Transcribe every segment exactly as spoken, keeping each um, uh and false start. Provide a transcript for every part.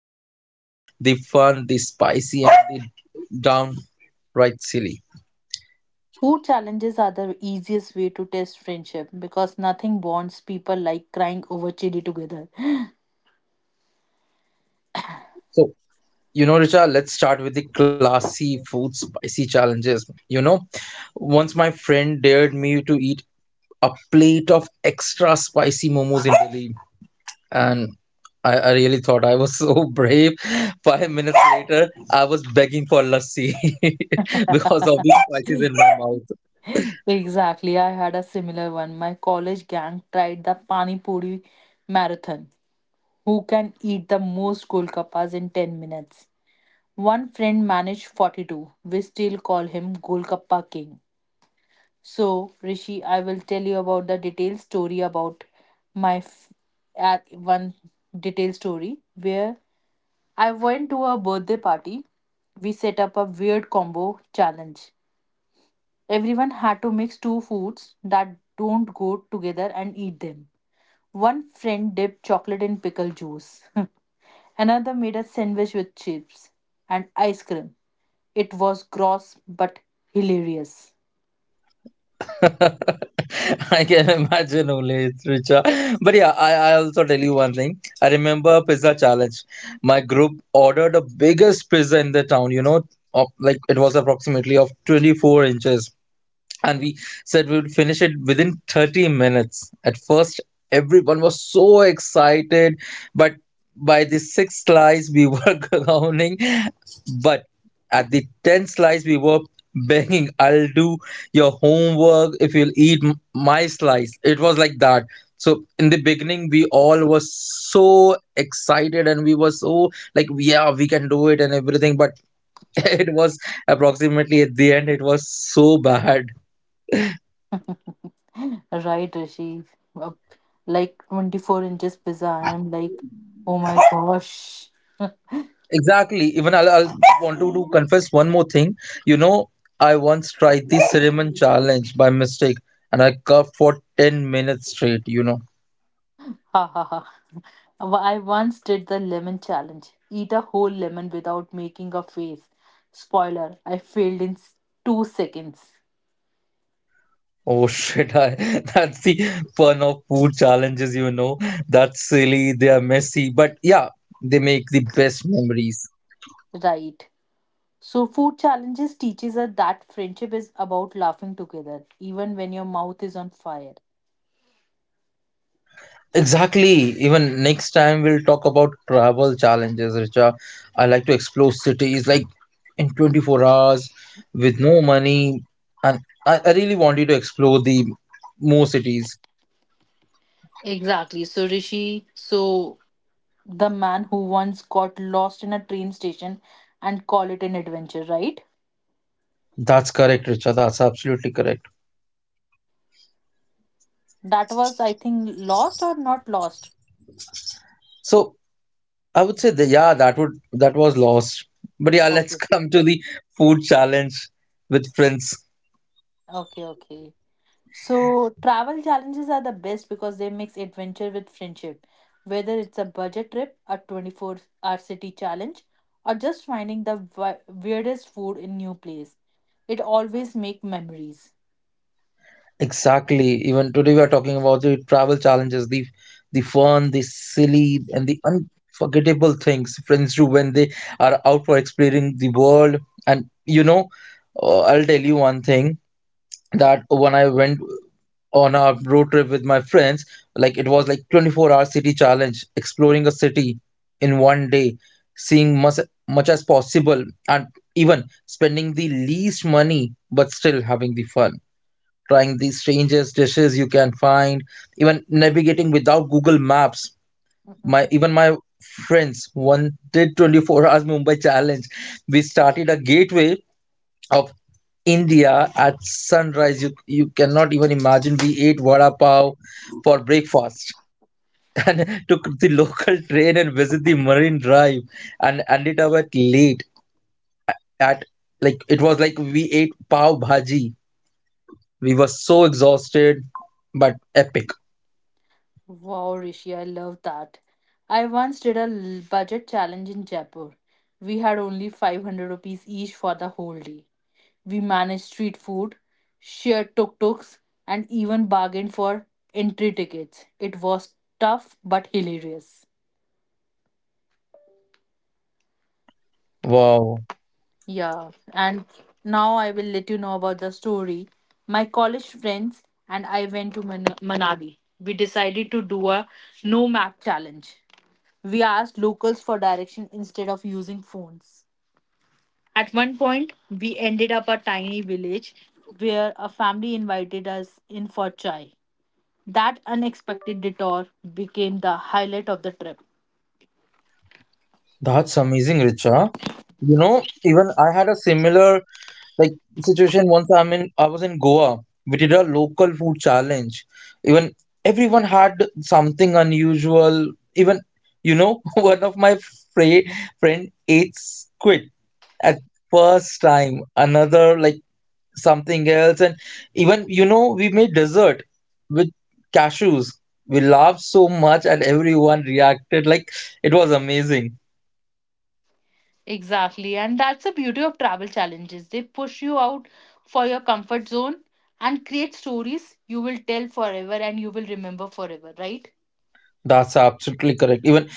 challenges, you know, the fun, the spicy, and the downright silly. Food challenges are the easiest way to test friendship because nothing bonds people like crying over chili together. So, you know, Richa, let's start with the classy food spicy challenges. You know, once my friend dared me to eat a plate of extra spicy momos in Delhi. And I, I really thought I was so brave. Five minutes later, I was begging for lassi because of the spices in my mouth. Exactly, I had a similar one. My college gang tried the pani puri marathon. Who can eat the most golgappas in ten minutes? One friend managed forty-two. We still call him Golgappa King. So, Rishi, I will tell you about the detailed story about my f- at one detailed story where I went to a birthday party. We set up a weird combo challenge. Everyone had to mix two foods that don't go together and eat them. One friend dipped chocolate in pickle juice. Another made a sandwich with chips and ice cream. It was gross but hilarious. I can imagine only, it's Richa. But yeah, I, I also tell you one thing. I remember pizza challenge. My group ordered the biggest pizza in the town, you know, of, like it was approximately of twenty-four inches. And we said we would finish it within thirty minutes. At first, everyone was so excited, but by the sixth slice, we were groaning. But at the tenth slice, we were begging, I'll do your homework if you'll eat m- my slice. It was like that. So in the beginning, we all were so excited and we were so like, yeah, we can do it and everything. But it was approximately at the end, it was so bad. Right, Rishi? Uh, Like twenty-four inches pizza. I am like, oh my gosh. Exactly. Even I'll, I'll want to, to confess one more thing. You know, I once tried the cinnamon challenge by mistake, and I coughed for ten minutes straight. You know. Ha ha ha. W- I once did the lemon challenge. Eat a whole lemon without making a face. Spoiler, I failed in s- two seconds. Oh shit! I that's the fun of food challenges. You know, that's silly. They are messy, but yeah, they make the best memories. Right. So food challenges teaches us that friendship is about laughing together, even when your mouth is on fire. Exactly. Even next time we'll talk about travel challenges, Richa. I like to explore cities like in twenty-four hours with no money. And I, I really want you to explore the more cities. Exactly. So, Rishi, so the man who once got lost in a train station and call it an adventure, right? That's correct, Richa. That's absolutely correct. That was, I think, lost or not lost? So I would say that yeah, that would that was lost. But yeah, let's Okay. come to the food challenge with friends. Okay, okay. So, travel challenges are the best because they mix adventure with friendship. Whether it's a budget trip, a twenty-four-hour city challenge, or just finding the wi- weirdest food in new place, it always make memories. Exactly. Even today we are talking about the travel challenges, the the fun, the silly, and the unforgettable things friends do when they are out for exploring the world. And you know, uh, I'll tell you one thing that when I went on a road trip with my friends, like it was like twenty-four hour city challenge, exploring a city in one day, seeing much much as possible, and even spending the least money but still having the fun trying the strangest dishes you can find, even navigating without Google Maps. My even my friends wanted twenty-four hours Mumbai challenge. We started a gateway of India at sunrise. You you cannot even imagine. We ate vada pav for breakfast and took the local train and visit the Marine Drive and ended up at late at like it was like we ate pav bhaji. We were so exhausted, but epic. Wow, Rishi, I love that. I once did a l- budget challenge in Jaipur. We had only five hundred rupees each for the whole day. We managed street food, shared tuk-tuks, and even bargained for entry tickets. It was tough but hilarious. Wow, Yeah, and now I will let you know about the story. My college friends and I went to Man- Manali. We decided to do a no map challenge. We asked locals for direction instead of using phones. At one point, we ended up a tiny village where a family invited us in for chai. That unexpected detour became the highlight of the trip. that's amazing, Richa. You know, even I had a similar like situation once I'm in I was in Goa. We did a local food challenge. Even everyone had something unusual. Even you know, one of my fra- friend ate squid at first time, another like something else, and even you know, we made dessert with cashews. We laughed so much and everyone reacted like it was amazing. Exactly, and that's the beauty of travel challenges. They push you out for your comfort zone and create stories you will tell forever and you will remember forever, right? That's absolutely correct. Even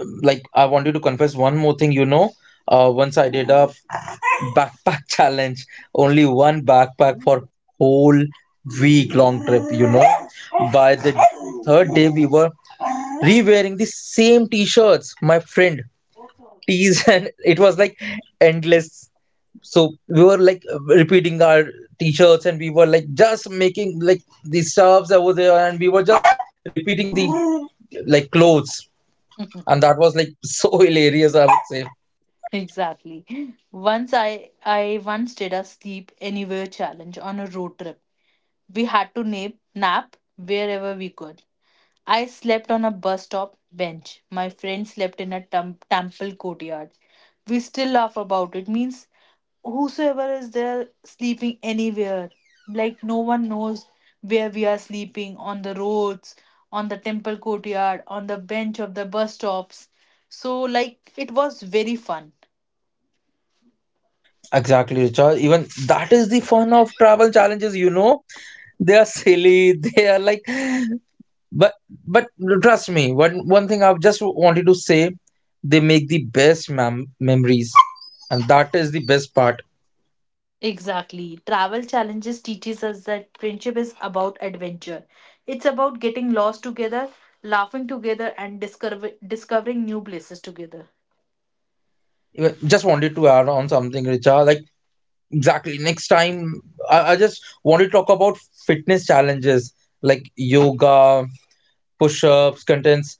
um, like I wanted to confess one more thing, you know, uh, once I did a backpack challenge, only one backpack for whole week long trip, you know. By the third day, we were re-wearing the same t-shirts, my friend. Tees and it was like endless. So we were like repeating our t-shirts, and we were like just making like the stuffs over there, and we were just repeating the like clothes, and that was like so hilarious, I would say. Exactly. Once I I once did a sleep anywhere challenge on a road trip. We had to nap nap wherever we could. I slept on a bus stop bench. My friend slept in a tem- temple courtyard. We still laugh about it. Means whosoever is there sleeping anywhere, like no one knows where we are sleeping on the roads, on the temple courtyard, on the bench of the bus stops. So like it was very fun. Exactly, Richard. Even that is the fun of travel challenges. you know they are silly, they are like, but but trust me, one one thing I just wanted to say, they make the best mem- memories, and that is the best part. Exactly. Travel challenges teaches us that friendship is about adventure. It's about getting lost together, laughing together and discover- discovering new places together. Even, just wanted to add on something, Richard, like exactly next time, i, I just want to talk about fitness challenges like yoga push-ups contents,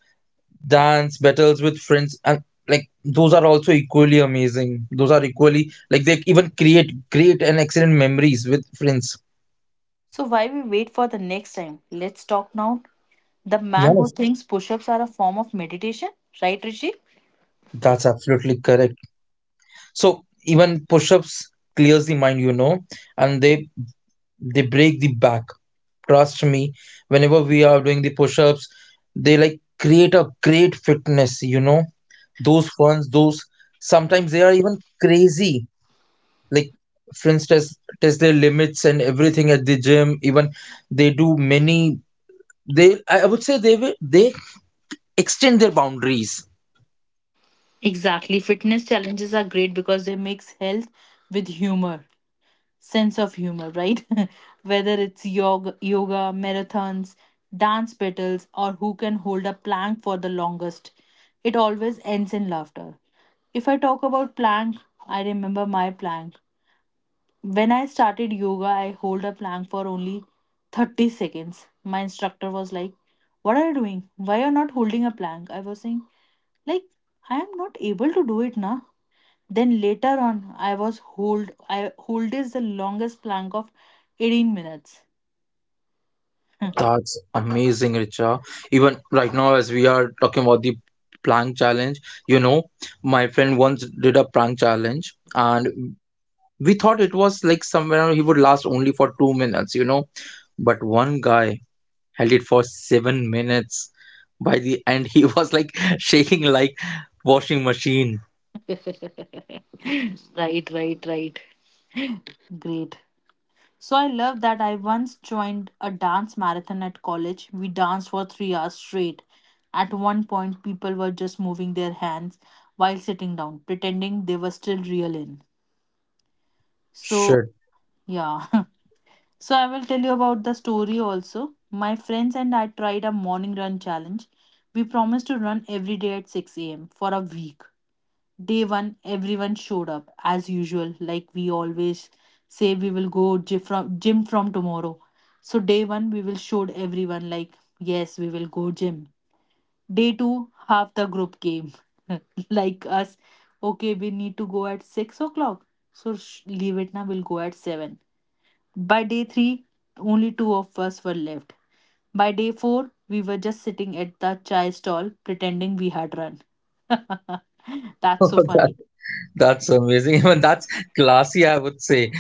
dance battles with friends, and like those are also equally amazing. Those are equally like they even create great and excellent memories with friends. So why we wait for the next time? Let's talk now. The man who Yes, thinks push-ups are a form of meditation, right, Rishi? that's absolutely correct. So even push-ups clears the mind, you know and they they break the back. Trust me, whenever we are doing the push-ups, they like create a great fitness, you know. Those ones, those sometimes they are even crazy, like friends test test their limits and everything at the gym. Even they do many, they, i I would say they will, they extend their boundaries. Exactly. Fitness challenges are great because they mix health with humor. Sense of humor, right? Whether it's yoga, yoga, marathons, dance battles, or who can hold a plank for the longest, it always ends in laughter. If I talk about plank, I remember my plank. When I started yoga, I hold a plank for only thirty seconds. My instructor was like, "What are you doing? Why are you not holding a plank?" I was saying, like, I am not able to do it na." Then later on, I was hold. I hold is the longest plank of eighteen minutes. That's amazing, Richa. Even right now as we are talking about the plank challenge, you know, my friend once did a plank challenge, and we thought it was like somewhere he would last only for two minutes, you know, but one guy held it for seven minutes. By the end he was like shaking like washing machine. Right, right, right. Great. So I love that I once joined a dance marathon at college. We danced for three hours straight. At one point, people were just moving their hands while sitting down, pretending they were still real in. So, Shit. yeah. So I will tell you about the story also. My friends and I tried a morning run challenge. We promised to run every day at six a m for a week. Day one, everyone showed up as usual, like we always say we will go gym from, gym from tomorrow. So day one, we will showed everyone like yes, we will go gym. Day two, half the group came, like us. Okay, we need to go at six o'clock. So sh- leave it now. We'll go at seven. By day three, only two of us were left. By day four, we were just sitting at the chai stall pretending we had run. That's so That, funny. that's amazing. Even that's classy, I would say.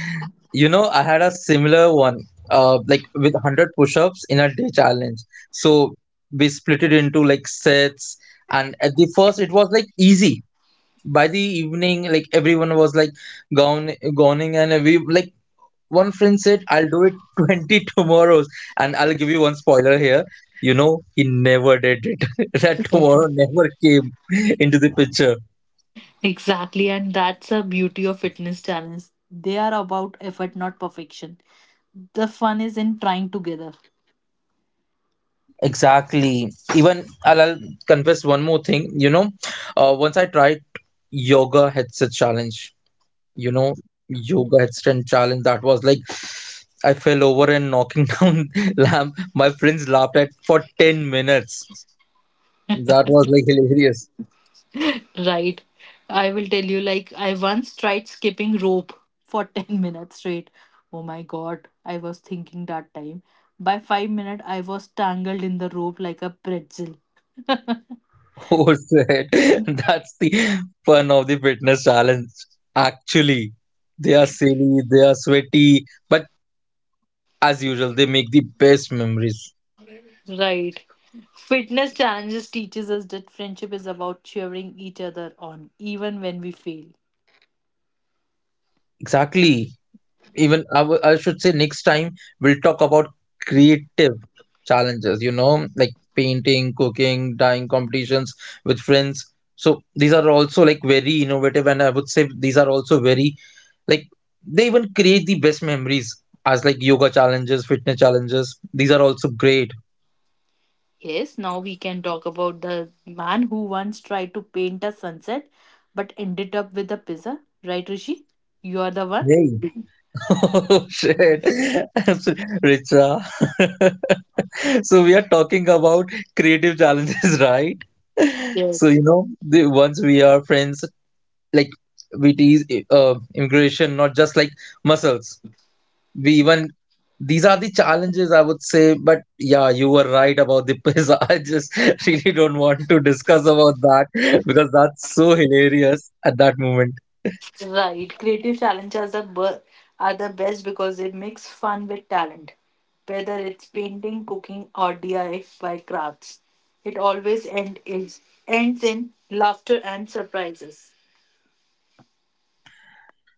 You know, I had a similar one, uh, like with one hundred push-ups in a day challenge. So we split it into like sets, and at the first it was like easy. By the evening, like everyone was like gone, gawning, and we like one friend said, "I'll do it twenty tomorrows," and I'll give you one spoiler here. You know, he never did it. That tomorrow never came into the picture. Exactly, and that's the beauty of fitness challenges. They are about effort, not perfection. The fun is in trying together. Exactly. Even I'll, I'll confess one more thing. You know, uh, once I tried yoga headset challenge. You know, yoga headset challenge. That was like I fell over and knocking down lamp. My friends laughed at for ten minutes. That was like hilarious. Right. I will tell you, like, I once tried skipping rope for ten minutes straight. Oh my god, I was thinking that time. By five minutes, I was tangled in the rope like a pretzel. Oh, shit. That's the fun of the fitness challenge. Actually, they are silly, they are sweaty, but as usual, they make the best memories. Right. Fitness challenges teaches us that friendship is about cheering each other on, even when we fail. Exactly. Even I wou- I should say, next time we'll talk about creative challenges, you know, like painting, cooking, dyeing competitions with friends. So these are also like very innovative, and I would say these are also very like they even create the best memories as like yoga challenges, fitness challenges. These are also great. Yes, now we can talk about the man who once tried to paint a sunset but ended up with a pizza. Right, Rishi? You are the one? Hey. Oh shit, Absol- Richa. So we are talking about creative challenges, right? So Yes. you know, the once we are friends, like we tease uh, immigration, not just like muscles. We even these are the challenges, I would say. But yeah, you were right about the pizza. I just really don't want to discuss about that because that's so hilarious at that moment. Right. Creative challenges are, bu- are the best because they mix fun with talent. Whether it's painting, cooking, or D I Y crafts, it always end is, ends in laughter and surprises.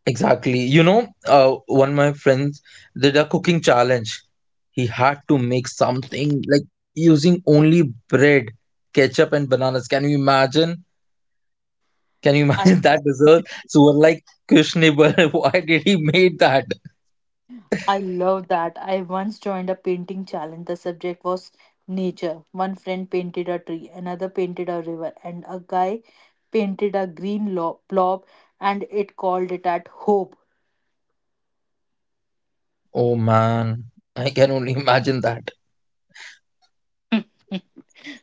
Exactly. You know, uh, one of my friends did a cooking challenge. He had to make something like using only bread, ketchup, and bananas. Can you imagine? Can you I imagine that dessert? So we're like, questionable. Why did he made that? I love that. I once joined a painting challenge. The subject was nature. One friend painted a tree, another painted a river, and a guy painted a green lo- blob and it called it at hope. Oh man, I can only imagine that.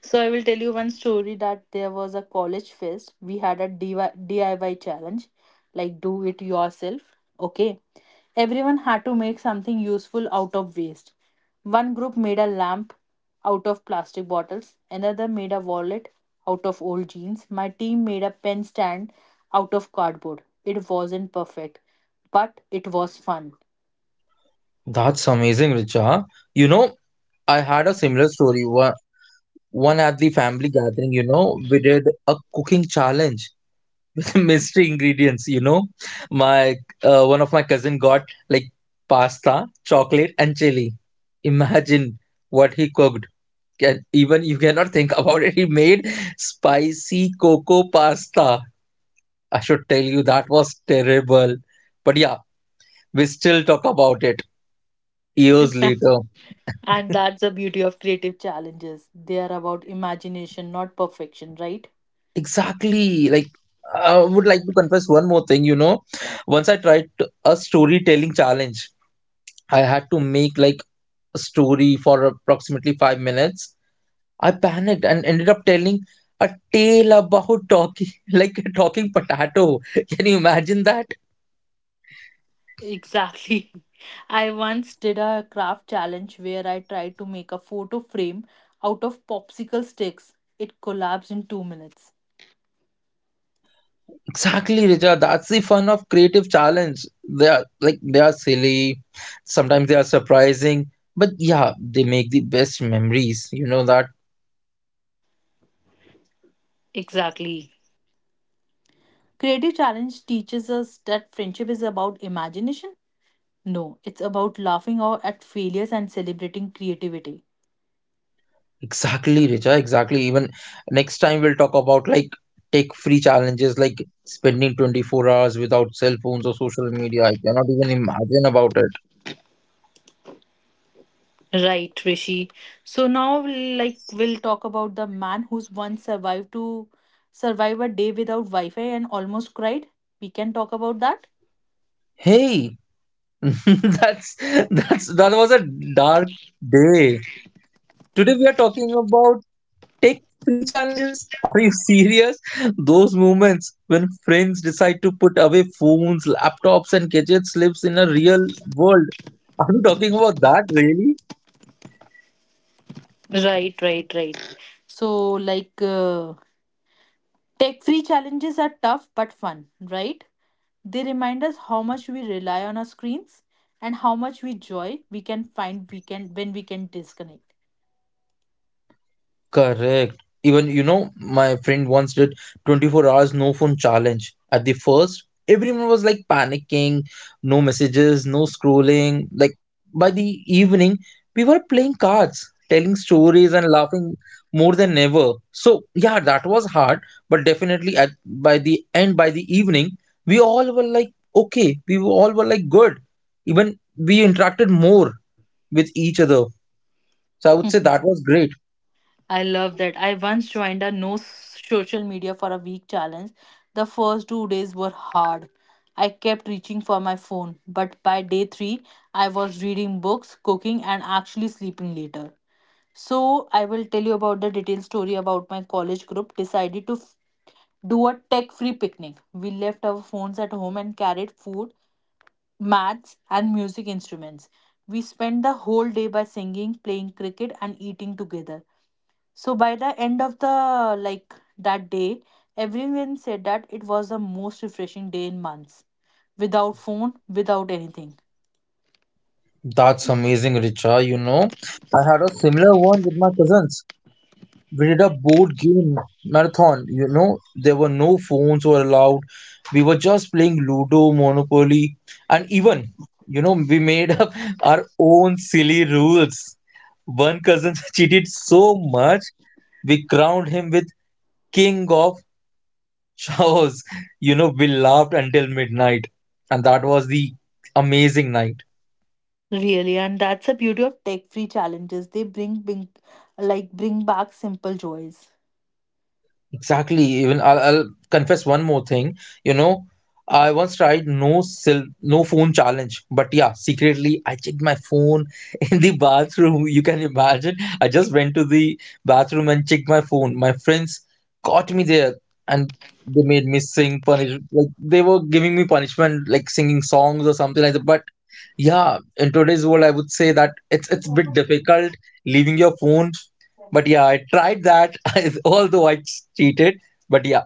So I will tell you one story that there was a college fest. We had a D I Y challenge, like do it yourself. Okay. Everyone had to make something useful out of waste. One group made a lamp out of plastic bottles, another made a wallet out of old jeans. My team made a pen stand out of cardboard. It wasn't perfect, but it was fun. That's amazing, Richa. You know, I had a similar story. One one at the family gathering, you know, we did a cooking challenge mystery ingredients. You know my uh, one of my cousin got like pasta, chocolate, and chili. Imagine what he cooked. Can even you cannot think about it. He made spicy cocoa pasta. I should tell you, that was terrible, but yeah, we still talk about it years later. And that's the beauty of creative challenges. They are about imagination, not perfection, right? Exactly. Like, I would like to confess one more thing. You know, once i tried to- a storytelling challenge. I had to make like story for approximately five minutes. I panicked and ended up telling a tale about talking like a talking potato. Can you imagine that? Exactly. I once did a craft challenge where I tried to make a photo frame out of popsicle sticks. It collapsed in two minutes. Exactly, Richa. That's the fun of creative challenge. They are like they are silly. Sometimes they are surprising. But yeah, they make the best memories. You know that? Exactly. Creative challenge teaches us that friendship is about imagination. No, it's about laughing out at failures and celebrating creativity. Exactly, Richa. Exactly. Even next time we'll talk about like take free challenges, like spending twenty-four hours without cell phones or social media. I cannot even imagine about it. Right, Rishi. So now, like, we'll we'll talk about the man who's once survived to survive a day without Wi-Fi and almost cried. We can talk about that. Hey, that's that's that was a dark day. Today we are talking about tech-free challenges. Are you serious? Those moments when friends decide to put away phones, laptops, and gadget slips in a real world. Are you talking about that really? Right, right, right. So, like, uh, tech free challenges are tough but fun, right? They remind us how much we rely on our screens and how much we joy we can find we can when we can disconnect. Correct. Even, you know, my friend once did twenty-four hours no phone challenge. At the first, everyone was like panicking, no messages, no scrolling. Like by the evening, we were playing cards, telling stories and laughing more than ever. So, yeah, that was hard, but definitely at by the end, by the evening, we all were like okay, we were- all were like good. Even we interacted more with each other. So I would say that was great. I love that. I once joined a no social media for a week challenge. The first two days were hard. I kept reaching for my phone, but by day three, I was reading books, cooking, and actually sleeping later. So, I will tell you about the detailed story about my college group decided to f- do a tech free picnic. We left our phones at home and carried food, maths, and music instruments. We spent the whole day by singing, playing cricket, and eating together. So by the end of the like that day, everyone said that it was the most refreshing day in months. Without phone, without anything. That's amazing, Richa. You know, I had a similar one with my cousins. We did a board game marathon. You know, there were no phones were allowed. We were just playing Ludo, Monopoly, and even, you know, we made up our own silly rules. One cousin cheated so much, we crowned him with King of Chaos. You know, we laughed until midnight, and that was the amazing night. Really, and that's the beauty of tech-free challenges. They bring, bring like bring back simple joys. Exactly. Even I'll, I'll confess one more thing. You know, I once tried no sil no phone challenge, but yeah, secretly I checked my phone in the bathroom. You can imagine. I just went to the bathroom and checked my phone. My friends caught me there, and they made me sing punish like they were giving me punishment like singing songs or something like that. But yeah, in today's world, I would say that it's it's a bit difficult leaving your phone. But yeah, I tried that, I- although I cheated. But yeah,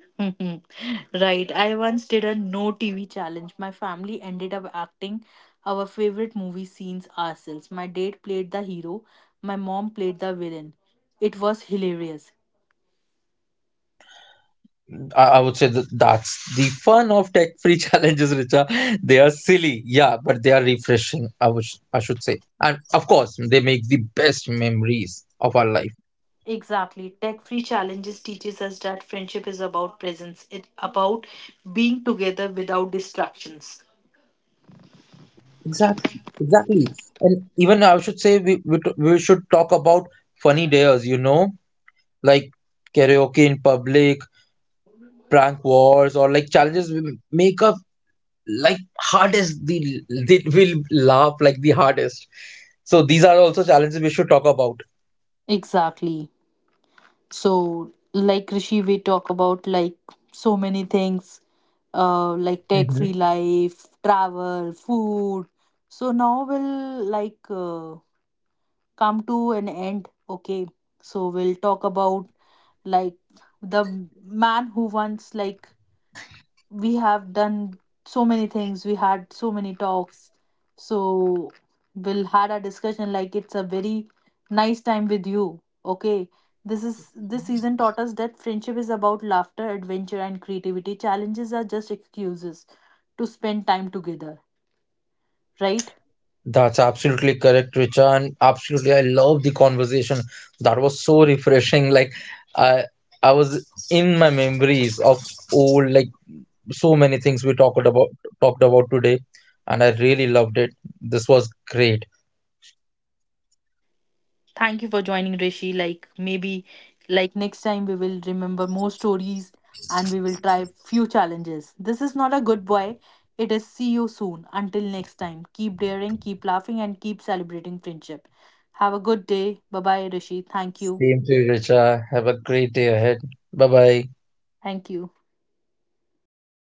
Mhm. Right. I once did a no T V challenge. My family ended up acting our favorite movie scenes ourselves. My dad played the hero, my mom played the villain. It was hilarious. I, I would say that that's the fun of tech-free challenges, Richa. They are silly, yeah, but they are refreshing. I would I should say, and of course, they make the best memories of our life. Exactly. Tech free challenges teaches us that friendship is about presence. It's about being together without distractions. Exactly, exactly. And even I should say we we, t- we should talk about funny days. You know, like karaoke in public, prank wars, or like challenges will make up like hardest the they will laugh like the hardest. So these are also challenges we should talk about. Exactly. So, like, Rishi, we talk about like so many things, uh, like tech free Mhm. life, travel, food. So now we'll like uh, come to an end. Okay. So we'll talk about like the man who once like we have done so many things we had so many talks so we'll had a discussion like it's a very nice time with you, okay. This is this season taught us that friendship is about laughter adventure and creativity challenges are just excuses to spend time together, right? That's absolutely correct, Richa, and absolutely, I love the conversation. That was so refreshing. Like, I I was in my memories of old, like so many things we talked about talked about today, and I really loved it. This was great. Thank you for joining, Rishi. Like maybe like next time we will remember more stories and we will try few challenges. This is not a good boy. It is see you soon. Until next time, keep daring, keep laughing and keep celebrating friendship. Have a good day. Bye bye, Rishi. Thank you. Same to you, Richa. Have a great day ahead. Bye bye. Thank you.